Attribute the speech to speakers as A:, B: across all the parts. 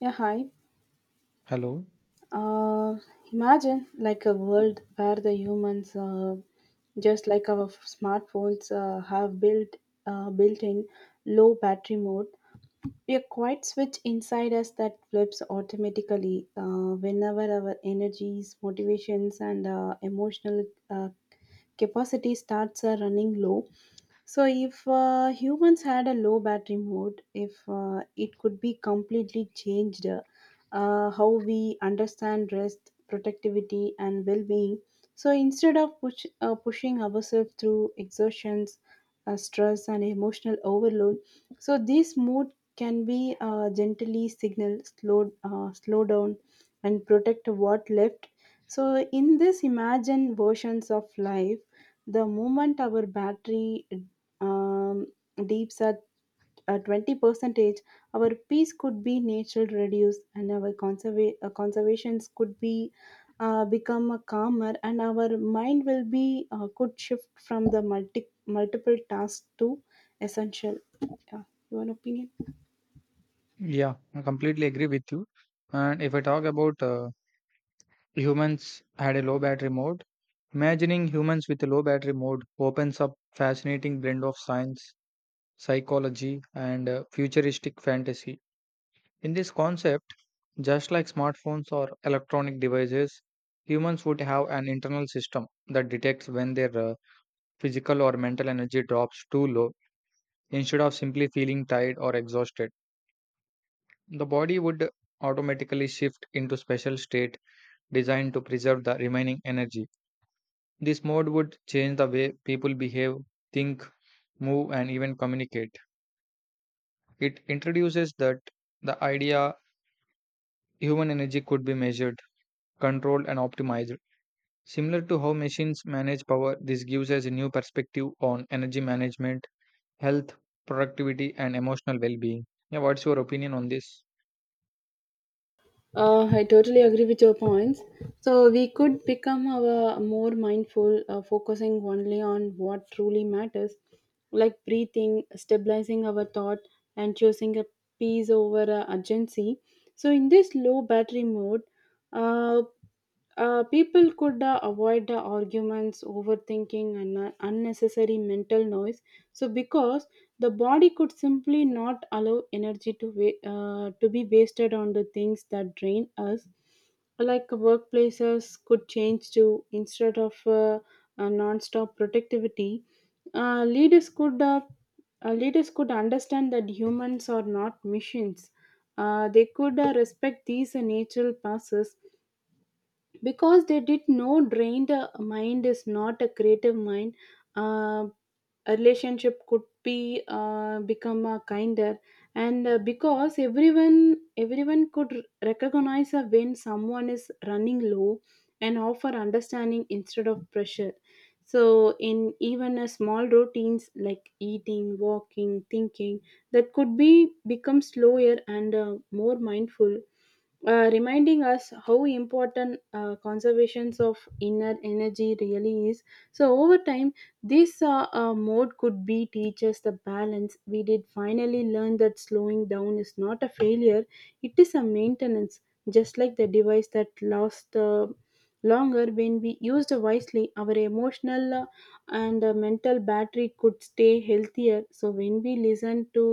A: Yeah, hi.
B: Hello.
A: Uh, imagine like a world where the humans, just like our smartphones, have built-in low battery mode. A quiet switch inside us that flips automatically whenever our energies, motivations, and emotional capacity starts running low. So, if humans had a low battery mode, if it could be completely changed how we understand rest, productivity, and well being. So instead of pushing ourselves through exertions, stress, and emotional overload, so this mood can be gently signaled, slow down, and protect what left. So in this imagined versions of life, the moment our battery um, dips at 20 percentage, our peace could be natural reduced, and our conservations could be become a calmer, and our mind will be could shift from the multiple tasks to essential. Yeah, your opinion?
B: Yeah, I completely agree with you. And if I talk about humans had a low battery mode, imagining humans with a low battery mode opens up fascinating blend of science, psychology, and futuristic fantasy. In this concept, just like smartphones or electronic devices, humans would have an internal system that detects when their physical or mental energy drops too low instead of simply feeling tired or exhausted. The body would automatically shift into special state designed to preserve the remaining energy. This mode would change the way people behave, think, move and even communicate. It introduces that the idea human energy could be measured, controlled and optimized. Similar to how machines manage power, this gives us a new perspective on energy management, health, productivity and emotional well-being. Yeah, what's your opinion on this?
A: I totally agree with your points. So we could become our more mindful, focusing only on what truly matters, like breathing, stabilizing our thought, and choosing a peace over a urgency. So in this low battery mode, uh, people could avoid the arguments, overthinking, and unnecessary mental noise. So because the body could simply not allow energy to to be wasted on the things that drain us, like workplaces could change to instead of a non-stop productivity. Uh, leaders could uh, leaders could understand that humans are not machines. They could respect these natural passes because they did know drained mind is not a creative mind uh, a relationship could be become a kinder, and because everyone could recognize when someone is running low and offer understanding instead of pressure. So in even a small routines like eating, walking, thinking, that could be become slower and more mindful, reminding us how important conservations of inner energy really is. So over time, this mode could be teach us the balance. We did finally learn that slowing down is not a failure, it is a maintenance. Just like the device that lasts longer when we used wisely, our emotional and mental battery could stay healthier. So when we listen to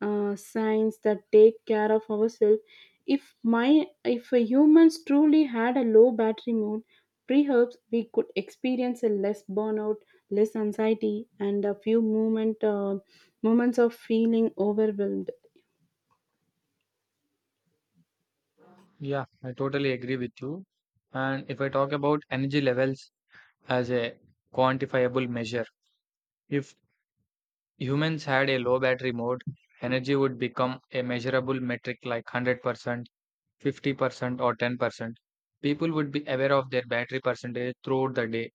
A: science that take care of ourselves, if humans truly had a low battery mode, perhaps we could experience a less burnout, less anxiety, and a few moments of feeling overwhelmed.
B: Yeah, I totally agree with you. And if I talk about energy levels, as a quantifiable measure. If humans had a low battery mode, energy would become a measurable metric like 100%, 50%, or 10%. People would be aware of their battery percentage throughout the day.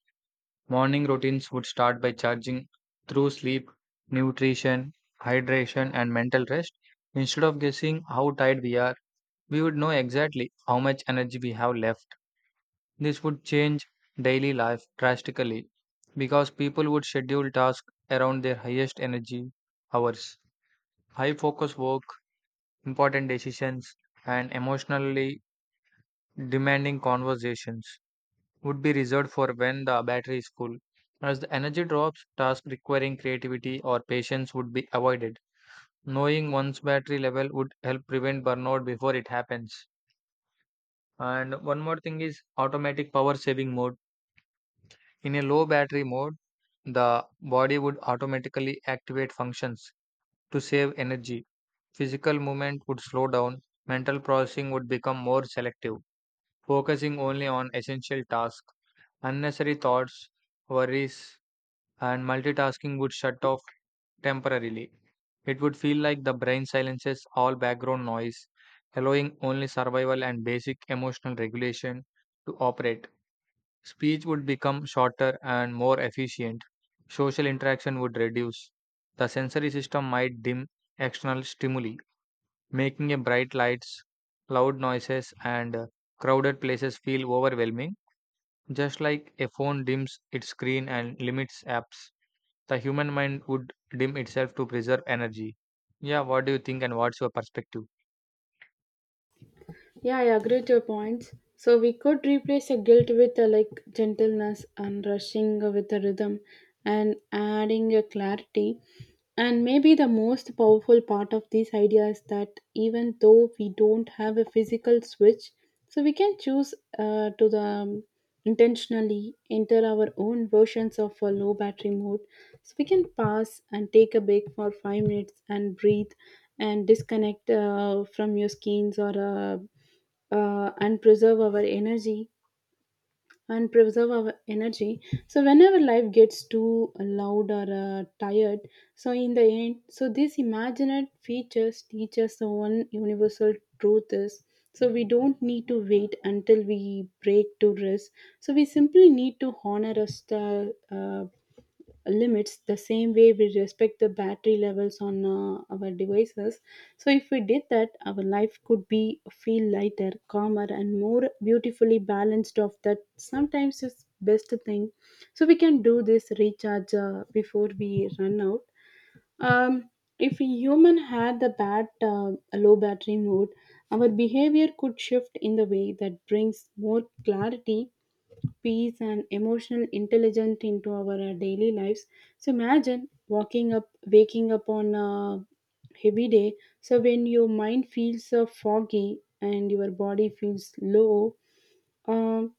B: Morning routines would start by charging through sleep, nutrition, hydration, and mental rest. Instead of guessing how tired we are, we would know exactly how much energy we have left. This would change daily life drastically because people would schedule tasks around their highest energy hours. High focus work, important decisions, and emotionally demanding conversations would be reserved for when the battery is full. As the energy drops, tasks requiring creativity or patience would be avoided. Knowing one's battery level would help prevent burnout before it happens. And one more thing is automatic power saving mode. In a low battery mode, the body would automatically activate functions to save energy. Physical movement would slow down, mental processing would become more selective, focusing only on essential tasks. Unnecessary thoughts, worries, and multitasking would shut off temporarily. It would feel like the brain silences all background noise, allowing only survival and basic emotional regulation to operate. Speech would become shorter and more efficient. Social interaction would reduce. The sensory system might dim external stimuli, making a bright lights, loud noises, and crowded places feel overwhelming. Just like a phone dims its screen and limits apps, the human mind would dim itself to preserve energy. Yeah, what do you think, and what's your perspective?
A: Yeah, I agree to your points. So we could replace a guilt with a like gentleness, and rushing with a rhythm, and adding a clarity. And maybe the most powerful part of this idea is that even though we don't have a physical switch, so we can choose to the intentionally enter our own versions of a low battery mode. So we can pause and take a break for 5 minutes and breathe, and disconnect from your screens or and preserve our energy and preserve our energy so whenever life gets too loud or tired. So in the end, so these imagined features teach us the one universal truth is, so we don't need to wait until we break to rest, so we simply need to honor us the uh, limits the same way we respect the battery levels on our devices. So if we did that, our life could be feel lighter, calmer, and more beautifully balanced of that sometimes is best thing. So we can do this recharge before we run out. um, if a human had the bad a low battery mode, our behavior could shift in the way that brings more clarity, peace, and emotional intelligence into our daily lives. So imagine walking up waking up on a heavy day. So when your mind feels foggy and your body feels low, um,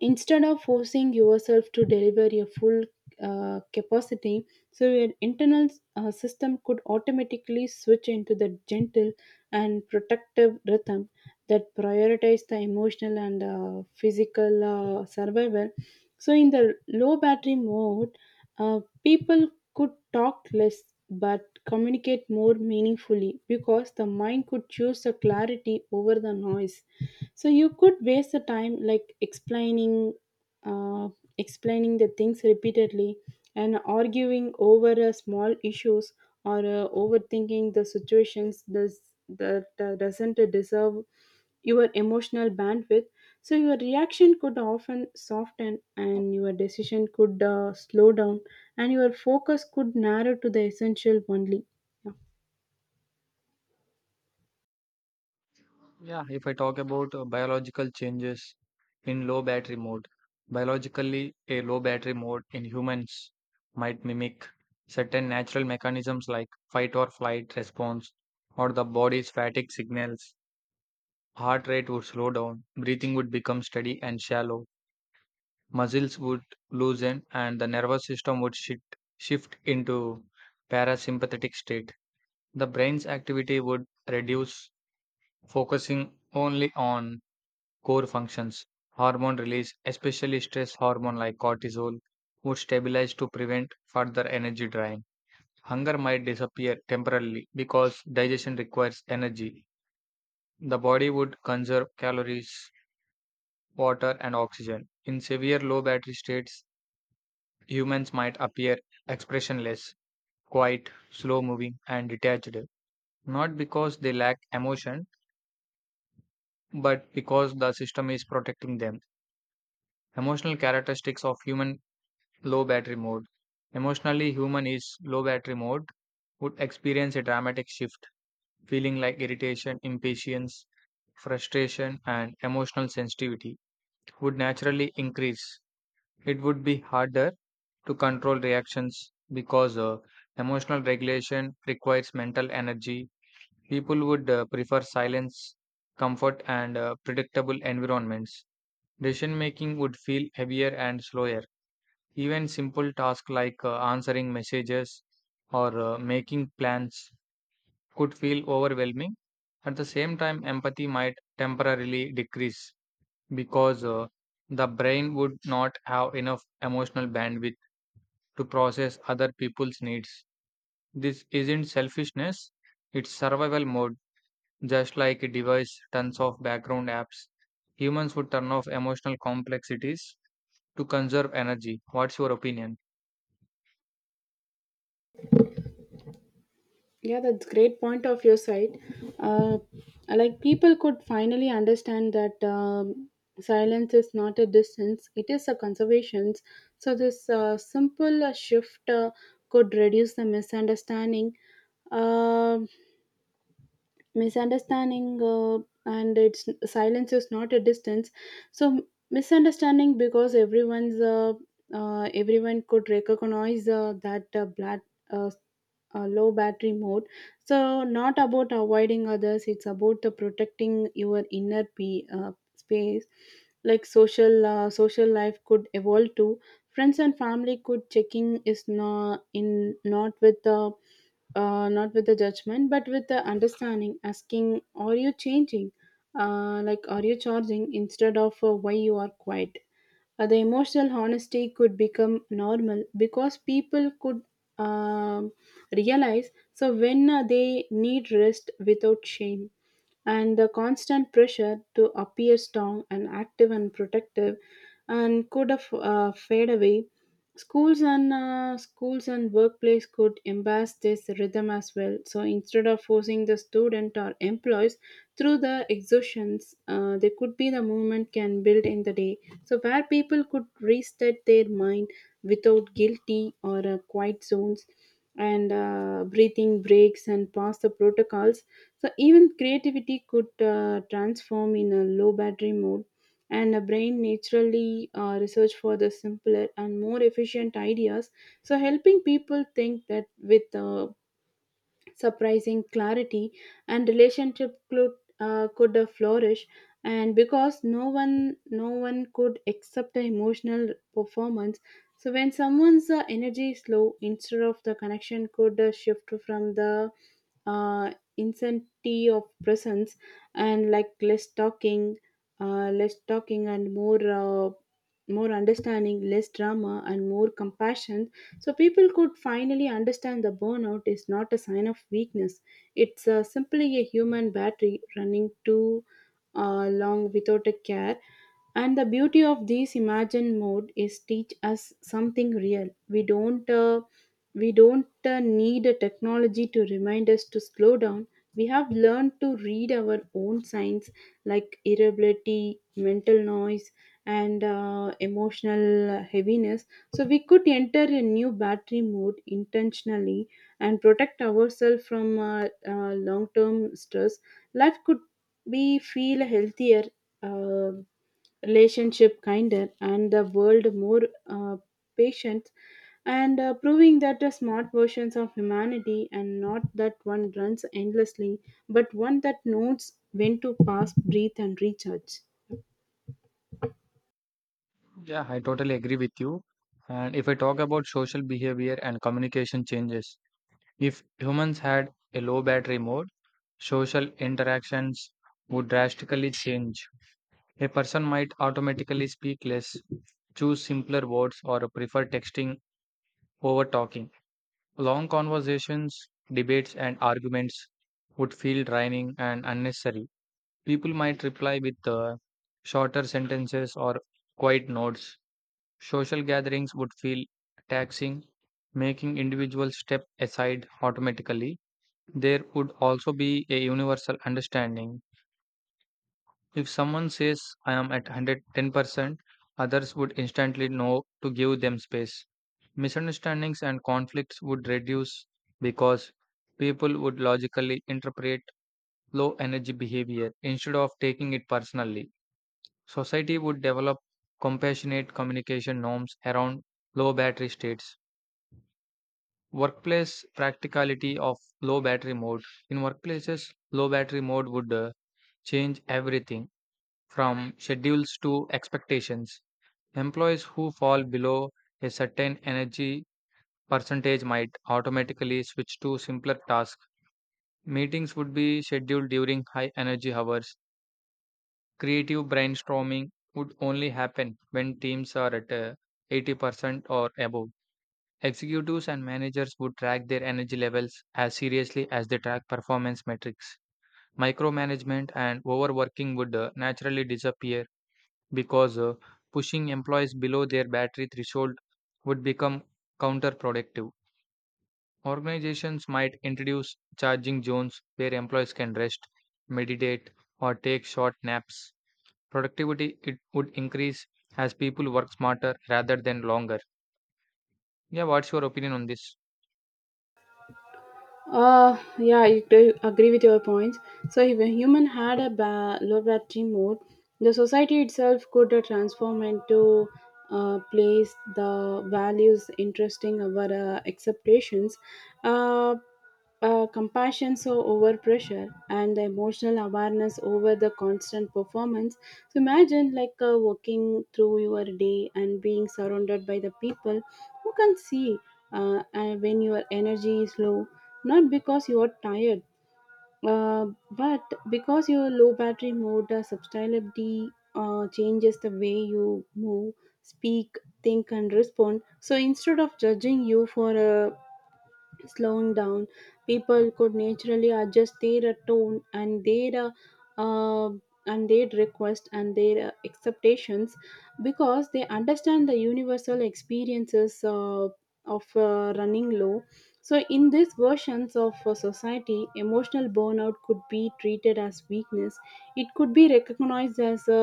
A: instead of forcing yourself to deliver your full capacity, so your internal system could automatically switch into the gentle and protective rhythm that prioritize the emotional and physical survival. So in the low battery mode, people could talk less but communicate more meaningfully because the mind could choose the clarity over the noise. So you could waste the time like uh, explaining the things repeatedly, and arguing over small issues, or overthinking the situations does that doesn't deserve your emotional bandwidth. So your reaction could often soften, and your decision could slow down, and your focus could narrow to the essential only.
B: Yeah, if I talk about biological changes in low battery mode, biologically, a low battery mode in humans might mimic certain natural mechanisms like fight or flight response or the body's fatigue signals. Heart rate would slow down, breathing would become steady and shallow, muscles would loosen, and the nervous system would shift into parasympathetic state. The brain's activity would reduce, focusing only on core functions. Hormone release, especially stress hormone like cortisol, would stabilize to prevent further energy drain. Hunger might disappear temporarily because digestion requires energy. The body would conserve calories, water, and oxygen. In severe low battery states, humans might appear expressionless, quiet, slow moving, and detached. Not because they lack emotion, but because the system is protecting them. Emotional characteristics of human low battery mode. Emotionally, human is low battery mode would experience a dramatic shift, feeling like irritation, impatience, frustration, and emotional sensitivity would naturally increase. It would be harder to control reactions because emotional regulation requires mental energy. People would prefer silence, comfort, and predictable environments. Decision making would feel heavier and slower. Even simple tasks like answering messages or making plans could feel overwhelming. At the same time, empathy might temporarily decrease because the brain would not have enough emotional bandwidth to process other people's needs. This isn't selfishness, it's survival mode. Just like a device tons of background apps, humans would turn off emotional complexities to conserve energy. What's your opinion?
A: Yeah, that's great point of your side. Uh, like people could finally understand that silence is not a distance; it is a conservation. So this simple shift could reduce the misunderstanding. Um Misunderstanding and it's silence is not a distance, so misunderstanding because everyone could recognize that black uh, low battery mode, so not about avoiding others, it's about the protecting your inner p space. Like social life could evolve too. Friends and family could checking is not in not with the judgment but with the understanding, asking are you changing, like are you charging, instead of why you are quiet. The emotional honesty could become normal because people could um realize so when they need rest without shame, and the constant pressure to appear strong and active and protective and could have fade away. Schools and workplace could embrace this rhythm as well. So instead of forcing the student or employees through the exhaustions, there could be the movement can build in the day. So where people could reset their mind without guilty or quiet zones, and breathing breaks, and pass the protocols. So even creativity could transform in a low battery mode, and the brain naturally research for the simpler and more efficient ideas, so helping people think that with surprising clarity. And relationship could flourish, and because no one could accept the emotional performance. So when someone's energy is low, instead of the connection could shift from the uh, intensity of presence, and like less talking and more understanding, less drama and more compassion. So people could finally understand the burnout is not a sign of weakness. It's simply a human battery running too long without a care. And the beauty of this imagine mode is teach us something real. We don't need a technology to remind us to slow down. We have learned to read our own signs like irritability, mental noise, and emotional heaviness, so we could enter a new battery mode intentionally and protect ourselves from long term stress. Life could be feel healthier, uh, relationship kinder, and the world more uh, patient, and proving that the smart versions of humanity and not that one runs endlessly, but one that knows when to pause, breathe, and recharge.
B: Yeah, I totally agree with you. And if I talk about social behavior and communication changes, if humans had a low battery mode, social interactions would drastically change. A person might automatically speak less, choose simpler words, or prefer texting over talking. Long conversations, debates, and arguments would feel draining and unnecessary. People might reply with shorter sentences or quiet notes. Social gatherings would feel taxing, making individuals step aside automatically. There would also be a universal understanding. If someone says, I am at 110%, others would instantly know to give them space. Misunderstandings and conflicts would reduce because people would logically interpret low energy behavior instead of taking it personally. Society would develop compassionate communication norms around low battery states. Workplace practicality of low battery mode. In workplaces, low battery mode would change everything from schedules to expectations. Employees who fall below a certain energy percentage might automatically switch to simpler tasks. Meetings would be scheduled during high energy hours. Creative brainstorming would only happen when teams are at 80% or above. Executives and managers would track their energy levels as seriously as they track performance metrics. Micromanagement and overworking would naturally disappear because pushing employees below their battery threshold would become counterproductive. Organizations might introduce charging zones where employees can rest, meditate, or take short naps. Productivity it would increase as people work smarter rather than longer. Yeah, what's your opinion on this?
A: Yeah, I do agree with your points. So, if a human had a low battery mode, the society itself could transform into place the values interesting our acceptations. Uh, compassion so over pressure, and the emotional awareness over the constant performance. So imagine like walking through your day and being surrounded by the people who can see when your energy is low, not because you are tired, uh, but because your low battery mode subtlety changes the way you move, speak, think, and respond. So instead of judging you for a slowing down, people could naturally adjust their tone and their uh, uh, and their request, and their expectations, because they understand the universal experiences of running low. So in these versions of society, emotional burnout could be treated as weakness, it could be recognized as a,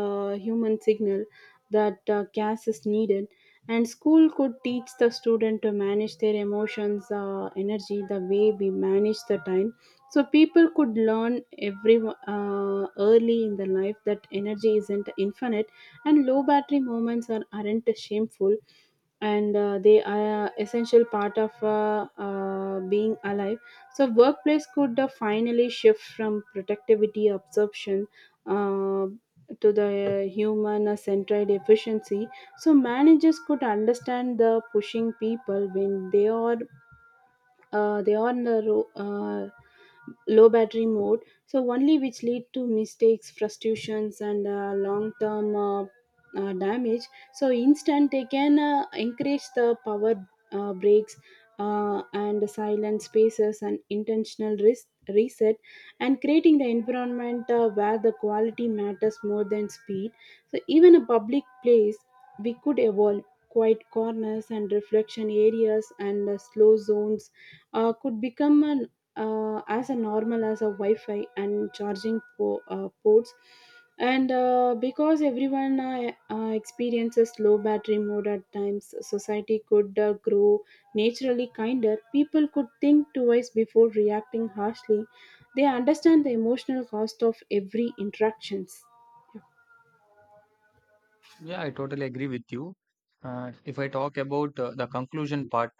A: uh human signal that gas is needed. And school could teach the student to manage their emotions energy the way we manage the time. So people could learn every early in the life that energy isn't infinite, and low battery moments aren't shameful, and they are a essential part of being alive. So workplace could finally shift from productivity absorption, uh, to the human centered efficiency. So managers could understand the pushing people when they are on the low battery mode, so only which lead to mistakes, frustrations, and long term damage. So instant they can encourage the power breaks, and silent spaces, and intentional risk reset, and creating the environment where the quality matters more than speed. So even a public place we could evolve quiet corners and reflection areas, and slow zones could become an as a normal as a Wi-Fi and charging ports. And because everyone experiences low battery mode at times, society could grow naturally kinder. People could think twice before reacting harshly. They understand the emotional cost of every interactions. Yeah.
B: Yeah, I totally agree with you. If I talk about the conclusion part,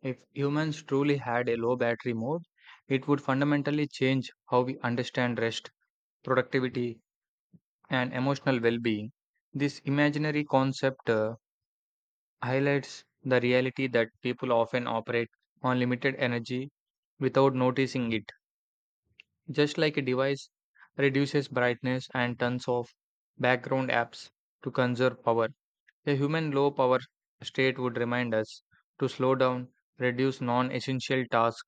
B: if humans truly had a low battery mode, it would fundamentally change how we understand rest, productivity, and emotional well being. This imaginary concept highlights the reality that people often operate on limited energy without noticing it. Just like a device reduces brightness and turns off background apps to conserve power, a human low power state would remind us to slow down, reduce non essential tasks,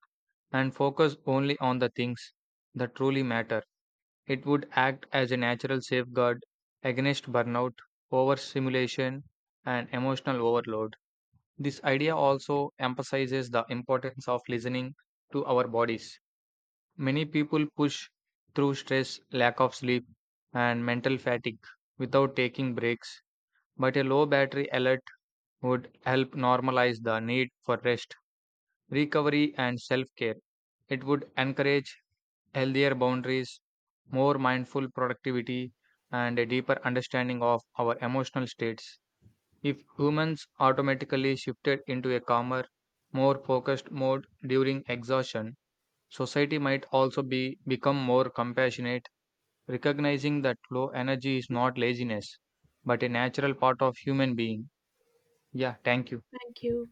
B: and focus only on the things that truly matter. It would act as a natural safeguard against burnout, overstimulation, and emotional overload. This idea also emphasizes the importance of listening to our bodies. Many people push through stress, lack of sleep, and mental fatigue without taking breaks, but a low battery alert would help normalize the need for rest, recovery, and self care. It would encourage healthier boundaries, more mindful productivity, and a deeper understanding of our emotional states. If humans automatically shifted into a calmer, more focused mode during exhaustion, society might also be become more compassionate, recognizing that low energy is not laziness, but a natural part of human being. Yeah, thank you.
A: Thank you.